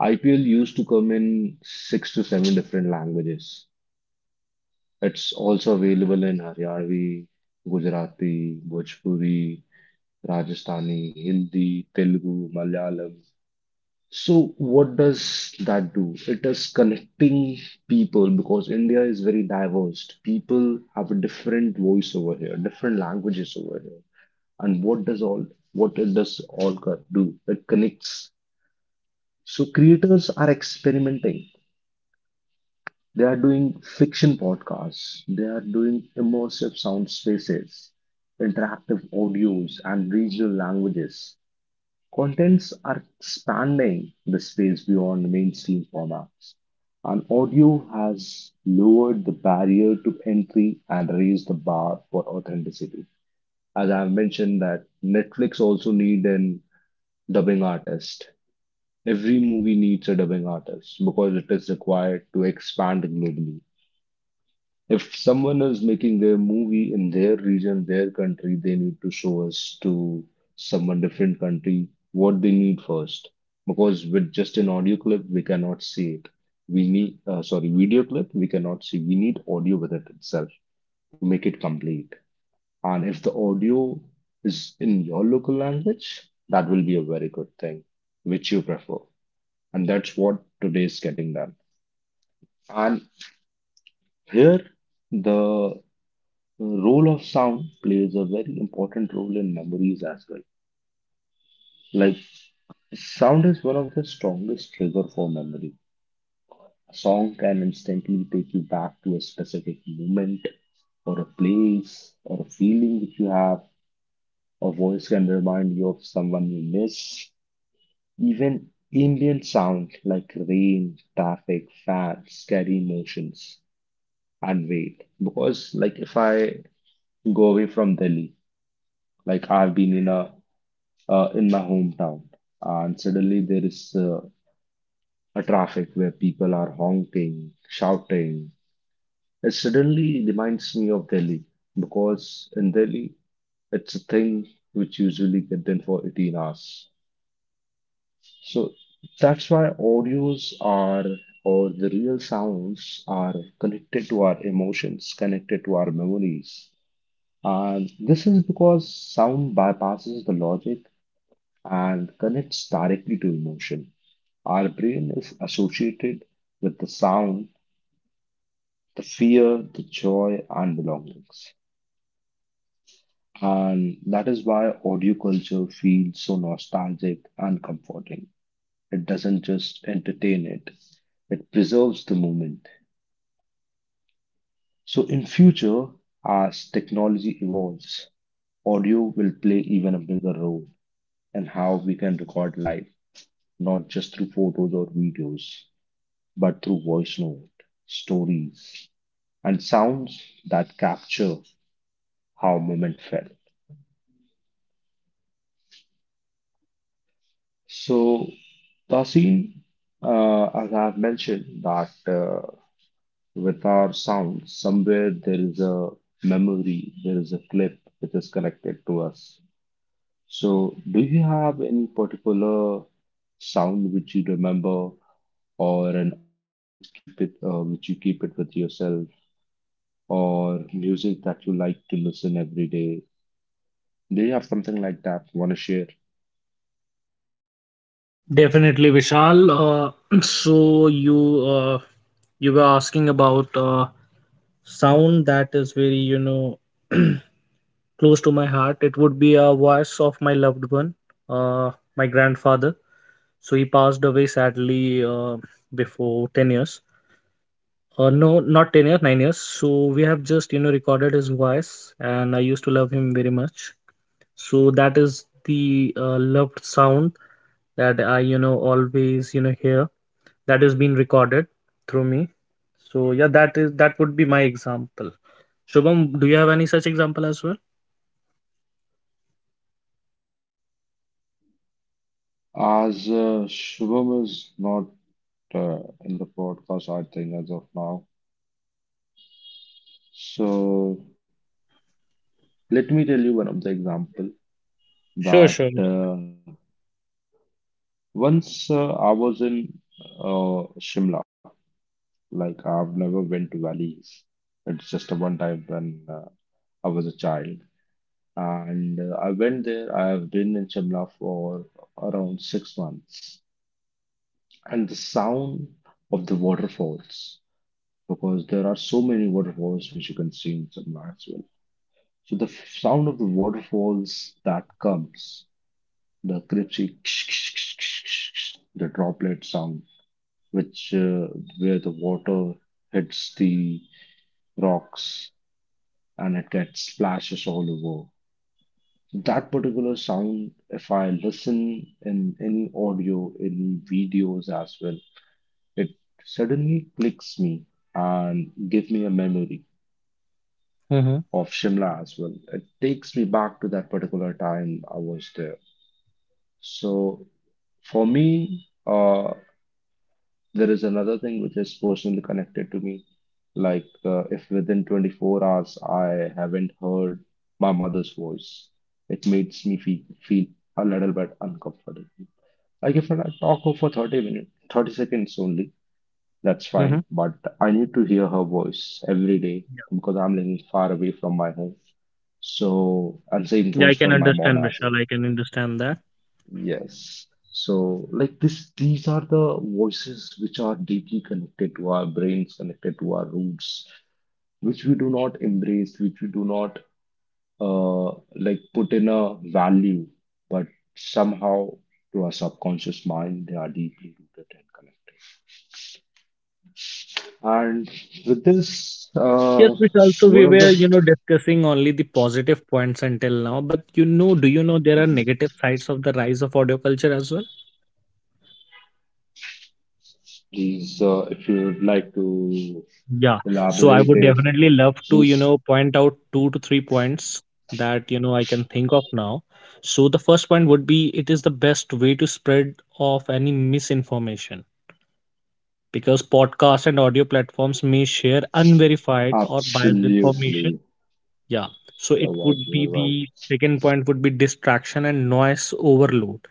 Speaker 2: IPL used to come in 6 to 7 different languages. It's also available in Haryanvi, Gujarati, Bhojpuri, Rajasthani, Hindi, Telugu, Malayalam. So what does that do? It is connecting people because India is very diverse. People have a different voice over here, different languages over here. And what does all what it does all do? It connects. So creators are experimenting. They are doing fiction podcasts. They are doing immersive sound spaces, interactive audios, and regional languages. Contents are expanding the space beyond mainstream formats, and audio has lowered the barrier to entry and raised the bar for authenticity. As I've mentioned, that Netflix also need an dubbing artist. Every movie needs a dubbing artist because it is required to expand globally. If someone is making their movie in their region, their country, they need to show us to someone different country what they need first. Because with just an audio clip, we cannot see it. We need, sorry, video clip, we cannot see. We need audio with it itself to make it complete. And if the audio is in your local language, that will be a very good thing, which you prefer. And that's what today is getting done. And here, the The role of sound plays a very important role in memories as well. Like sound is one of the strongest trigger for memory. A song can instantly take you back to a specific moment or a place or a feeling that you have. A voice can remind you of someone you miss. Even ambient sound like rain, traffic, fans carry emotions and weight. Because like if I go away from Delhi, like I've been in a in my hometown. And suddenly there is a traffic where people are honking, shouting. It suddenly reminds me of Delhi because in Delhi it's a thing which usually get done for 18 hours. So that's why audios are or the real sounds are connected to our emotions, connected to our memories. And this is because sound bypasses the logic and connects directly to emotion. Our brain is associated with the sound, the fear, the joy, and belongings. And that is why audio culture feels so nostalgic and comforting. It doesn't just entertain it, it preserves the moment. So, in future, as technology evolves, audio will play even a bigger role in how we can record life, not just through photos or videos, but through voice note, stories, and sounds that capture how a moment felt. So, Tasin, as I've mentioned, that with our sound, somewhere there is a memory, there is a clip which is connected to us. So, do you have any particular sound which you remember, or an audio which keep it, which you keep it with yourself, or music that you like to listen every day. Do you have something like that want to share?
Speaker 1: Definitely, Vishal. So you were asking about sound that is very close to my heart. It would be a voice of my loved one, uh, my grandfather. So he passed away sadly before 10 years. No, not 10 years, 9 years. So we have just recorded his voice, and I used to love him very much. So that is the loved sound that I always hear, that is being recorded through me. So yeah, that would be my example. Shubham, do you have any such example as well?
Speaker 2: As Shubham is not in the podcast, I think, as of now. So let me tell you one of the example
Speaker 1: Sure,
Speaker 2: that
Speaker 1: sure.
Speaker 2: uh, once I was in Shimla. Like I've never went to valleys. It's just a one time when I was a child, and I went there. I have been in Shimla for around 6 months, and the sound of the waterfalls because there are so many waterfalls which you can see in Simla as well. So the sound of the waterfalls that comes, the cripsy, the droplet sound, which where the water hits the rocks and it gets splashes all over. That particular sound, if I listen in any audio, any videos as well, it suddenly clicks me and give me a memory
Speaker 1: Mm-hmm.
Speaker 2: of Shimla as well. It takes me back to that particular time I was there. So for me, there is another thing which is personally connected to me. Like if within 24 hours I haven't heard my mother's voice, it makes me feel a little bit uncomfortable. Like if I talk for 30 minutes, 30 seconds only, that's
Speaker 1: Mm-hmm.
Speaker 2: fine, but I need to hear her voice every day because I'm living far away from my home. So, and same
Speaker 1: Yeah, I
Speaker 2: goes
Speaker 1: can
Speaker 2: for my mom
Speaker 1: understand,
Speaker 2: as
Speaker 1: Vishal.
Speaker 2: well.
Speaker 1: I can understand that.
Speaker 2: Yes. So, like this, these are the voices which are deeply connected to our brains, connected to our roots, which we do not embrace, which we do not uh, like put in a value, but somehow to our subconscious mind, they are deeply rooted and connected. And with this,
Speaker 1: Yes, which also we
Speaker 2: one of
Speaker 1: were,
Speaker 2: the
Speaker 1: discussing only the positive points until now. But do you know there are negative sides of the rise of audio culture as well?
Speaker 2: please, if you'd like to
Speaker 1: Yeah. So I
Speaker 2: elaborate
Speaker 1: would
Speaker 2: it,
Speaker 1: definitely love to,
Speaker 2: please
Speaker 1: point out 2 to 3 points that, I can think of now. So the first point would be, it is the best way to spread of any misinformation because podcasts and audio platforms may share unverified or biased information.
Speaker 2: absolutely
Speaker 1: Yeah. So it
Speaker 2: avoid
Speaker 1: would be,
Speaker 2: your right.
Speaker 1: the second point would be distraction and noise overload.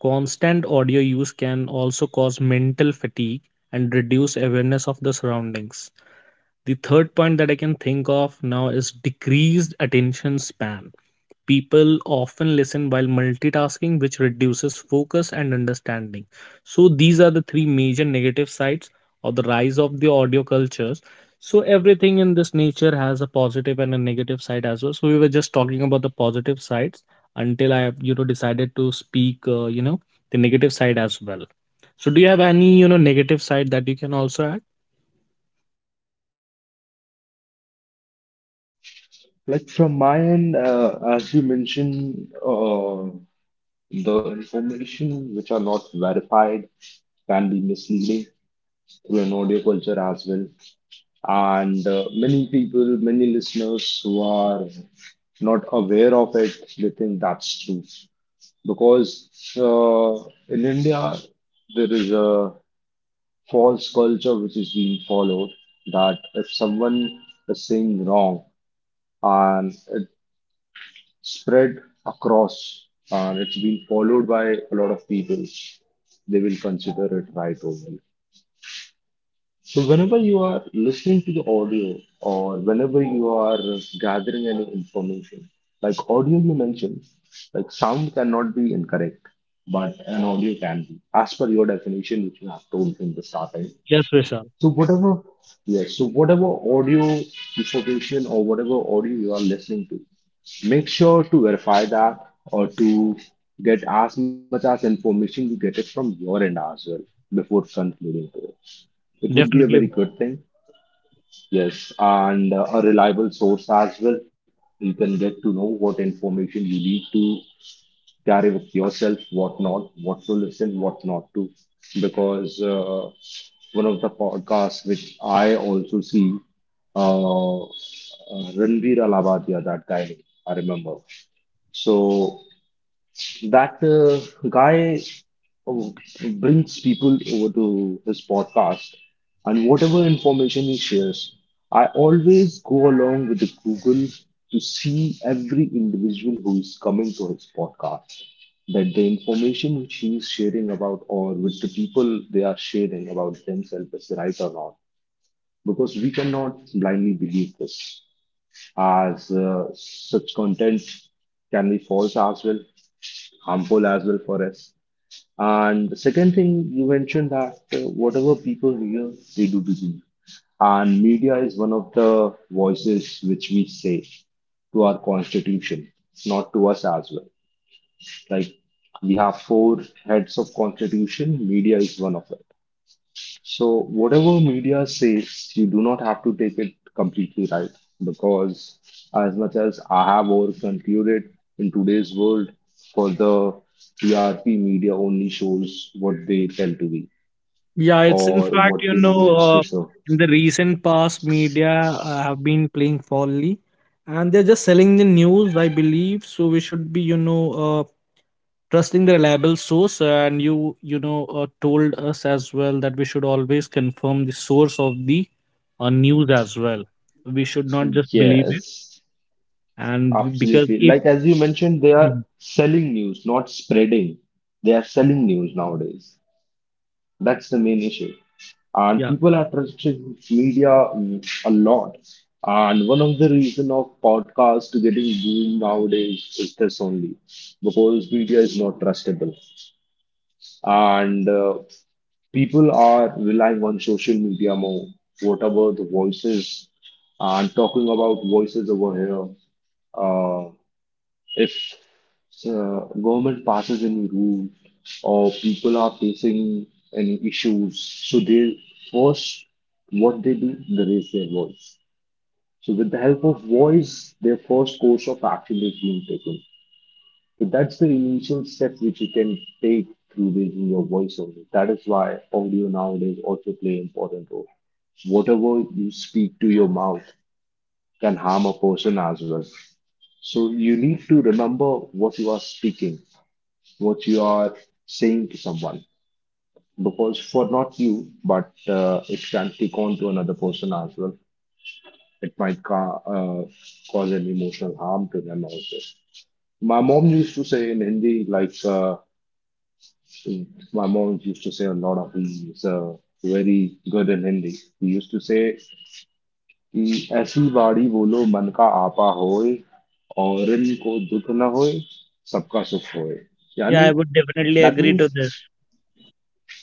Speaker 1: Constant audio use can also cause mental fatigue and reduce awareness of the surroundings. The third point that I can think of now is decreased attention span. People often listen while multitasking, which reduces focus and understanding. So, these are the three major negative sides of the rise of the audio cultures. So, everything in this nature has a positive and a negative side as well. So, we were just talking about the positive sides until I, decided to speak, the negative side as well. So, do you have any, negative side that you can also add?
Speaker 2: Like from my end, as you mentioned, the information which are not verified can be misleading to an audio culture as well. And many people, many listeners who are not aware of it, they think that's true. Because uh, in India, there is a false culture which is being followed that if someone is saying wrong and it spread across and it's been followed by a lot of people, they will consider it right only. So, whenever you are listening to the audio or whenever you are gathering any information, like audio you mentioned, like sound cannot be incorrect, but an audio can be, as per your definition, which you have told in the starting.
Speaker 1: Yes, Vishal.
Speaker 2: So whatever, yes, so whatever audio information or whatever audio you are listening to, make sure to verify that or to get as much as information you get it from your end as well before concluding to it. It would be a very
Speaker 1: Definitely.
Speaker 2: good thing. Yes, and a reliable source as well. You can get to know what information you need to carry with yourself, what not, what to listen, what not to. Because one of the podcasts which I also see, uh, uh, Ranveer Alabadia, that guy, I remember. So that guy uh, brings people over to his podcast, and whatever information he shares, I always go along with the Google to see every individual who is coming to his podcast. That the information which he is sharing about, or with the people they are sharing about themselves, is right or not because we cannot blindly believe this, as such content can be false as well, harmful as well for us. And the second thing you mentioned that whatever people hear, they do believe. And media is one of the voices which we say to our constitution, not to us as well. Like we have four heads of constitution, media is one of it. So whatever media says, you do not have to take it completely right because as much as I have over concluded in today's world, for the TRP media only shows what they tell to be
Speaker 1: Yeah, it's in
Speaker 2: or
Speaker 1: fact,
Speaker 2: what they needs to show.
Speaker 1: in the recent past, media have been playing folly and they're just selling the news, I believe. So we should be, trusting the reliable source. And you, told us as well that we should always confirm the source of the news as well. We should not just believe it.
Speaker 2: Yes,
Speaker 1: And because
Speaker 2: absolutely.
Speaker 1: if—
Speaker 2: Like as you mentioned, they are
Speaker 1: Mhm.
Speaker 2: selling news, not spreading. They are selling news nowadays. That's the main issue. And
Speaker 1: Yeah,
Speaker 2: people are trusting media a lot. And one of the reason of podcasts getting boomed nowadays is this only because media is not trustable. And people are relying on social media more, whatever the voices and talking about voices over here. Uh, if government passes any rule or people are facing any issues, so they first what they do, they raise their voice. So with the help of voice, their first course of action is being taken. So that's the initial step which you can take through raising your voice only. That is why audio nowadays also play important role. Whatever you speak to your mouth can harm a person as well. So you need to remember what you are speaking what you are saying to someone because for not you but it can take on to another person as well, it might cause an emotional harm to them also. My mom used to say in hindi like my mom used to say a lot of he's very good in hindi he used to say कि ऐसी बाड़ी बोलो मन का आपा होए और इनको दुख न होए सबका सुख होए
Speaker 1: yeah,
Speaker 2: यानी
Speaker 1: I would definitely
Speaker 2: that
Speaker 1: agree
Speaker 2: means
Speaker 1: to this.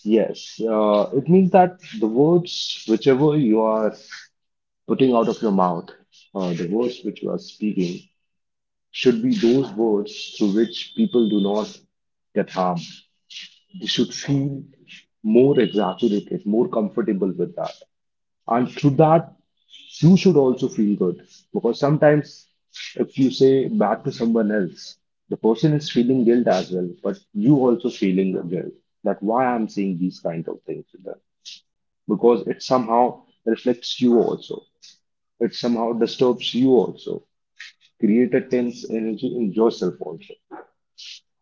Speaker 2: yes, it means that the words, whichever you are putting out of your mouth, the words which you are speaking, should be those words through which people do not get harmed. They should feel more exaggerated, more comfortable with that. And through that, you should also feel good. Because sometimes if you say bad to someone else, the person is feeling guilt as well, but you also feeling the guilt that why I'm saying these kind of things to them because it somehow reflects you also. It somehow disturbs you also. Create a tense energy in yourself also.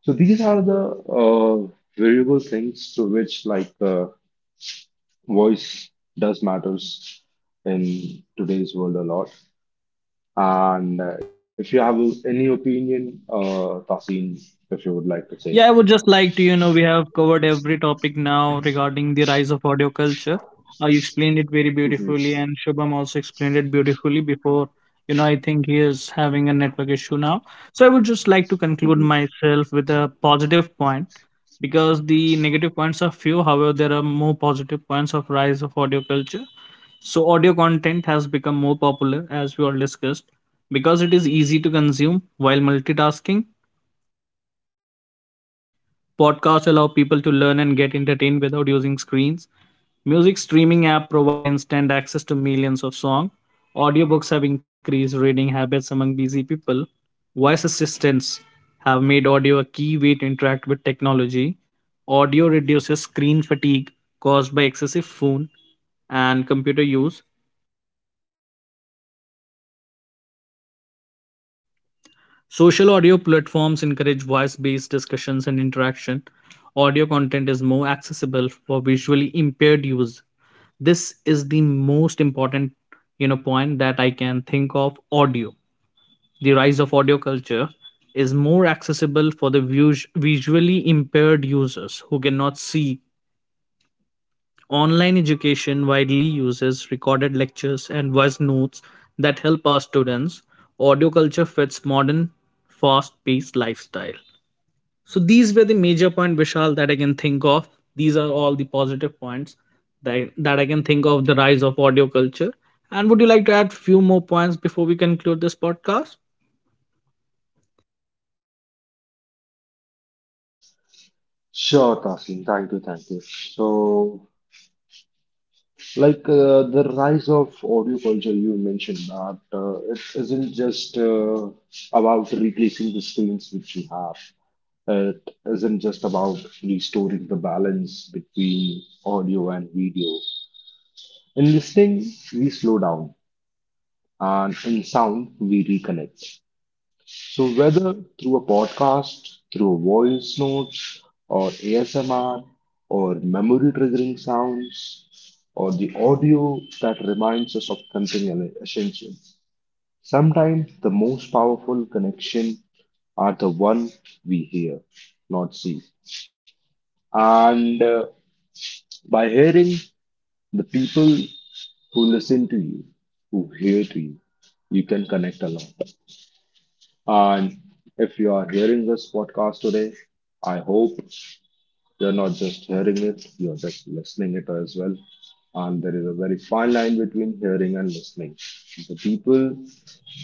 Speaker 2: So these are the uh, variable things through which like voice does matters in today's world a lot. And if you have any opinion, Tasin, if you would like to say.
Speaker 1: Yeah, I would just like to, we have covered every topic now regarding the rise of audio culture. You explained it very
Speaker 2: Mhm.
Speaker 1: beautifully, and Shubham also explained it beautifully before. I think he is having a network issue now. So I would just like to conclude
Speaker 2: Mhm.
Speaker 1: myself with a positive point because the negative points are few. However, there are more positive points of rise of audio culture. So audio content has become more popular, as we all discussed, because it is easy to consume while multitasking. Podcasts allow people to learn and get entertained without using screens. Music streaming apps provide instant access to millions of songs. Audiobooks have increased reading habits among busy people. Voice assistants have made audio a key way to interact with technology. Audio reduces screen fatigue caused by excessive phone and computer use. Social audio platforms encourage voice based discussions and interaction. Audio content is more accessible for visually impaired use. This is the most important point that I can think of. Audio, the rise of audio culture, is more accessible for the visually impaired users who cannot see. Online education widely uses recorded lectures and voice notes that help our students. Audio culture fits modern fast paced lifestyle. So these were the major point, Vishal, that I can think of. These are all the positive points that, I can think of the rise of audio culture. And would you like to add few more points before we conclude this podcast?
Speaker 2: Sure, Tasin. Thank you, thank you. So like the rise of audio culture, you mentioned that it isn't just about replacing the screens which you have. It isn't just about restoring the balance between audio and video. In listening, we slow down, and in sound, we reconnect. So, whether through a podcast, through voice notes, or ASMR, or memory triggering sounds, or the audio that reminds us of something essential, sometimes the most powerful connection are the one we hear, not see. And by hearing the people who listen to you, who hear to you, you can connect a lot. And if you are hearing this podcast today, I hope you're not just hearing it, you're just listening it as well. And there is a very fine line between hearing and listening. The people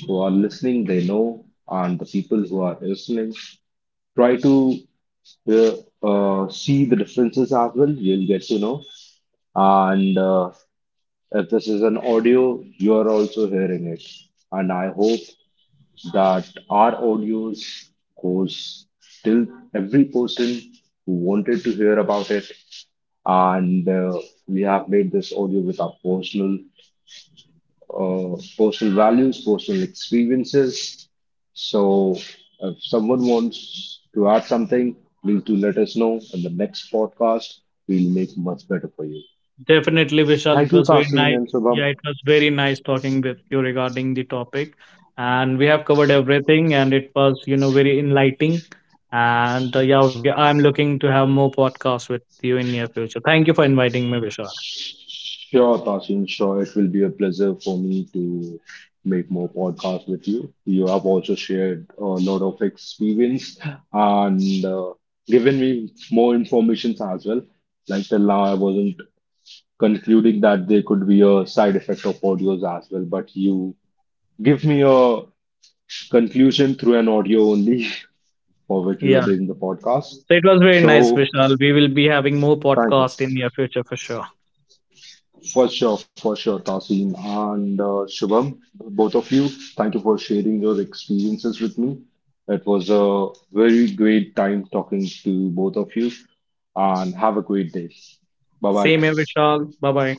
Speaker 2: who are listening, they know, and the people who are listening try to uh, see the differences as well. You'll get to know. And if this is an audio, you are also hearing it. And I hope that our audios goes till every person who wanted to hear about it. And we have made this audio with our personal values, personal experiences. So if someone wants to add something, please do let us know. In the next podcast, we'll make much better for you.
Speaker 1: Definitely, Vishal.
Speaker 2: Thank
Speaker 1: It
Speaker 2: you,
Speaker 1: was very
Speaker 2: Tasin
Speaker 1: nice.
Speaker 2: and Subham.
Speaker 1: Yeah, it was very nice talking with you regarding the topic. And we have covered everything, and it was, very enlightening. And yeah, we I'm looking to have more podcasts with you in near future. Thank you for inviting me, Vishal.
Speaker 2: Sure, Tasin, sure. It will be a pleasure for me to make more podcasts with you. You have also shared a lot of experience and given me more information as well. Like till now, I wasn't concluding that there could be a side effect of audios as well, but you give me a conclusion through an audio only for which we are
Speaker 1: Yeah.
Speaker 2: doing the podcast.
Speaker 1: So it was very nice,
Speaker 2: So,
Speaker 1: Vishal. We will be having more
Speaker 2: thank you.
Speaker 1: podcast in near future for sure.
Speaker 2: For sure, Tasin and Shubham, both of you, thank you for sharing your experiences with me. It was a very great time talking to both of you, and have a great day. Bye bye,
Speaker 1: Same here,
Speaker 2: guys.
Speaker 1: Vishal. Bye bye.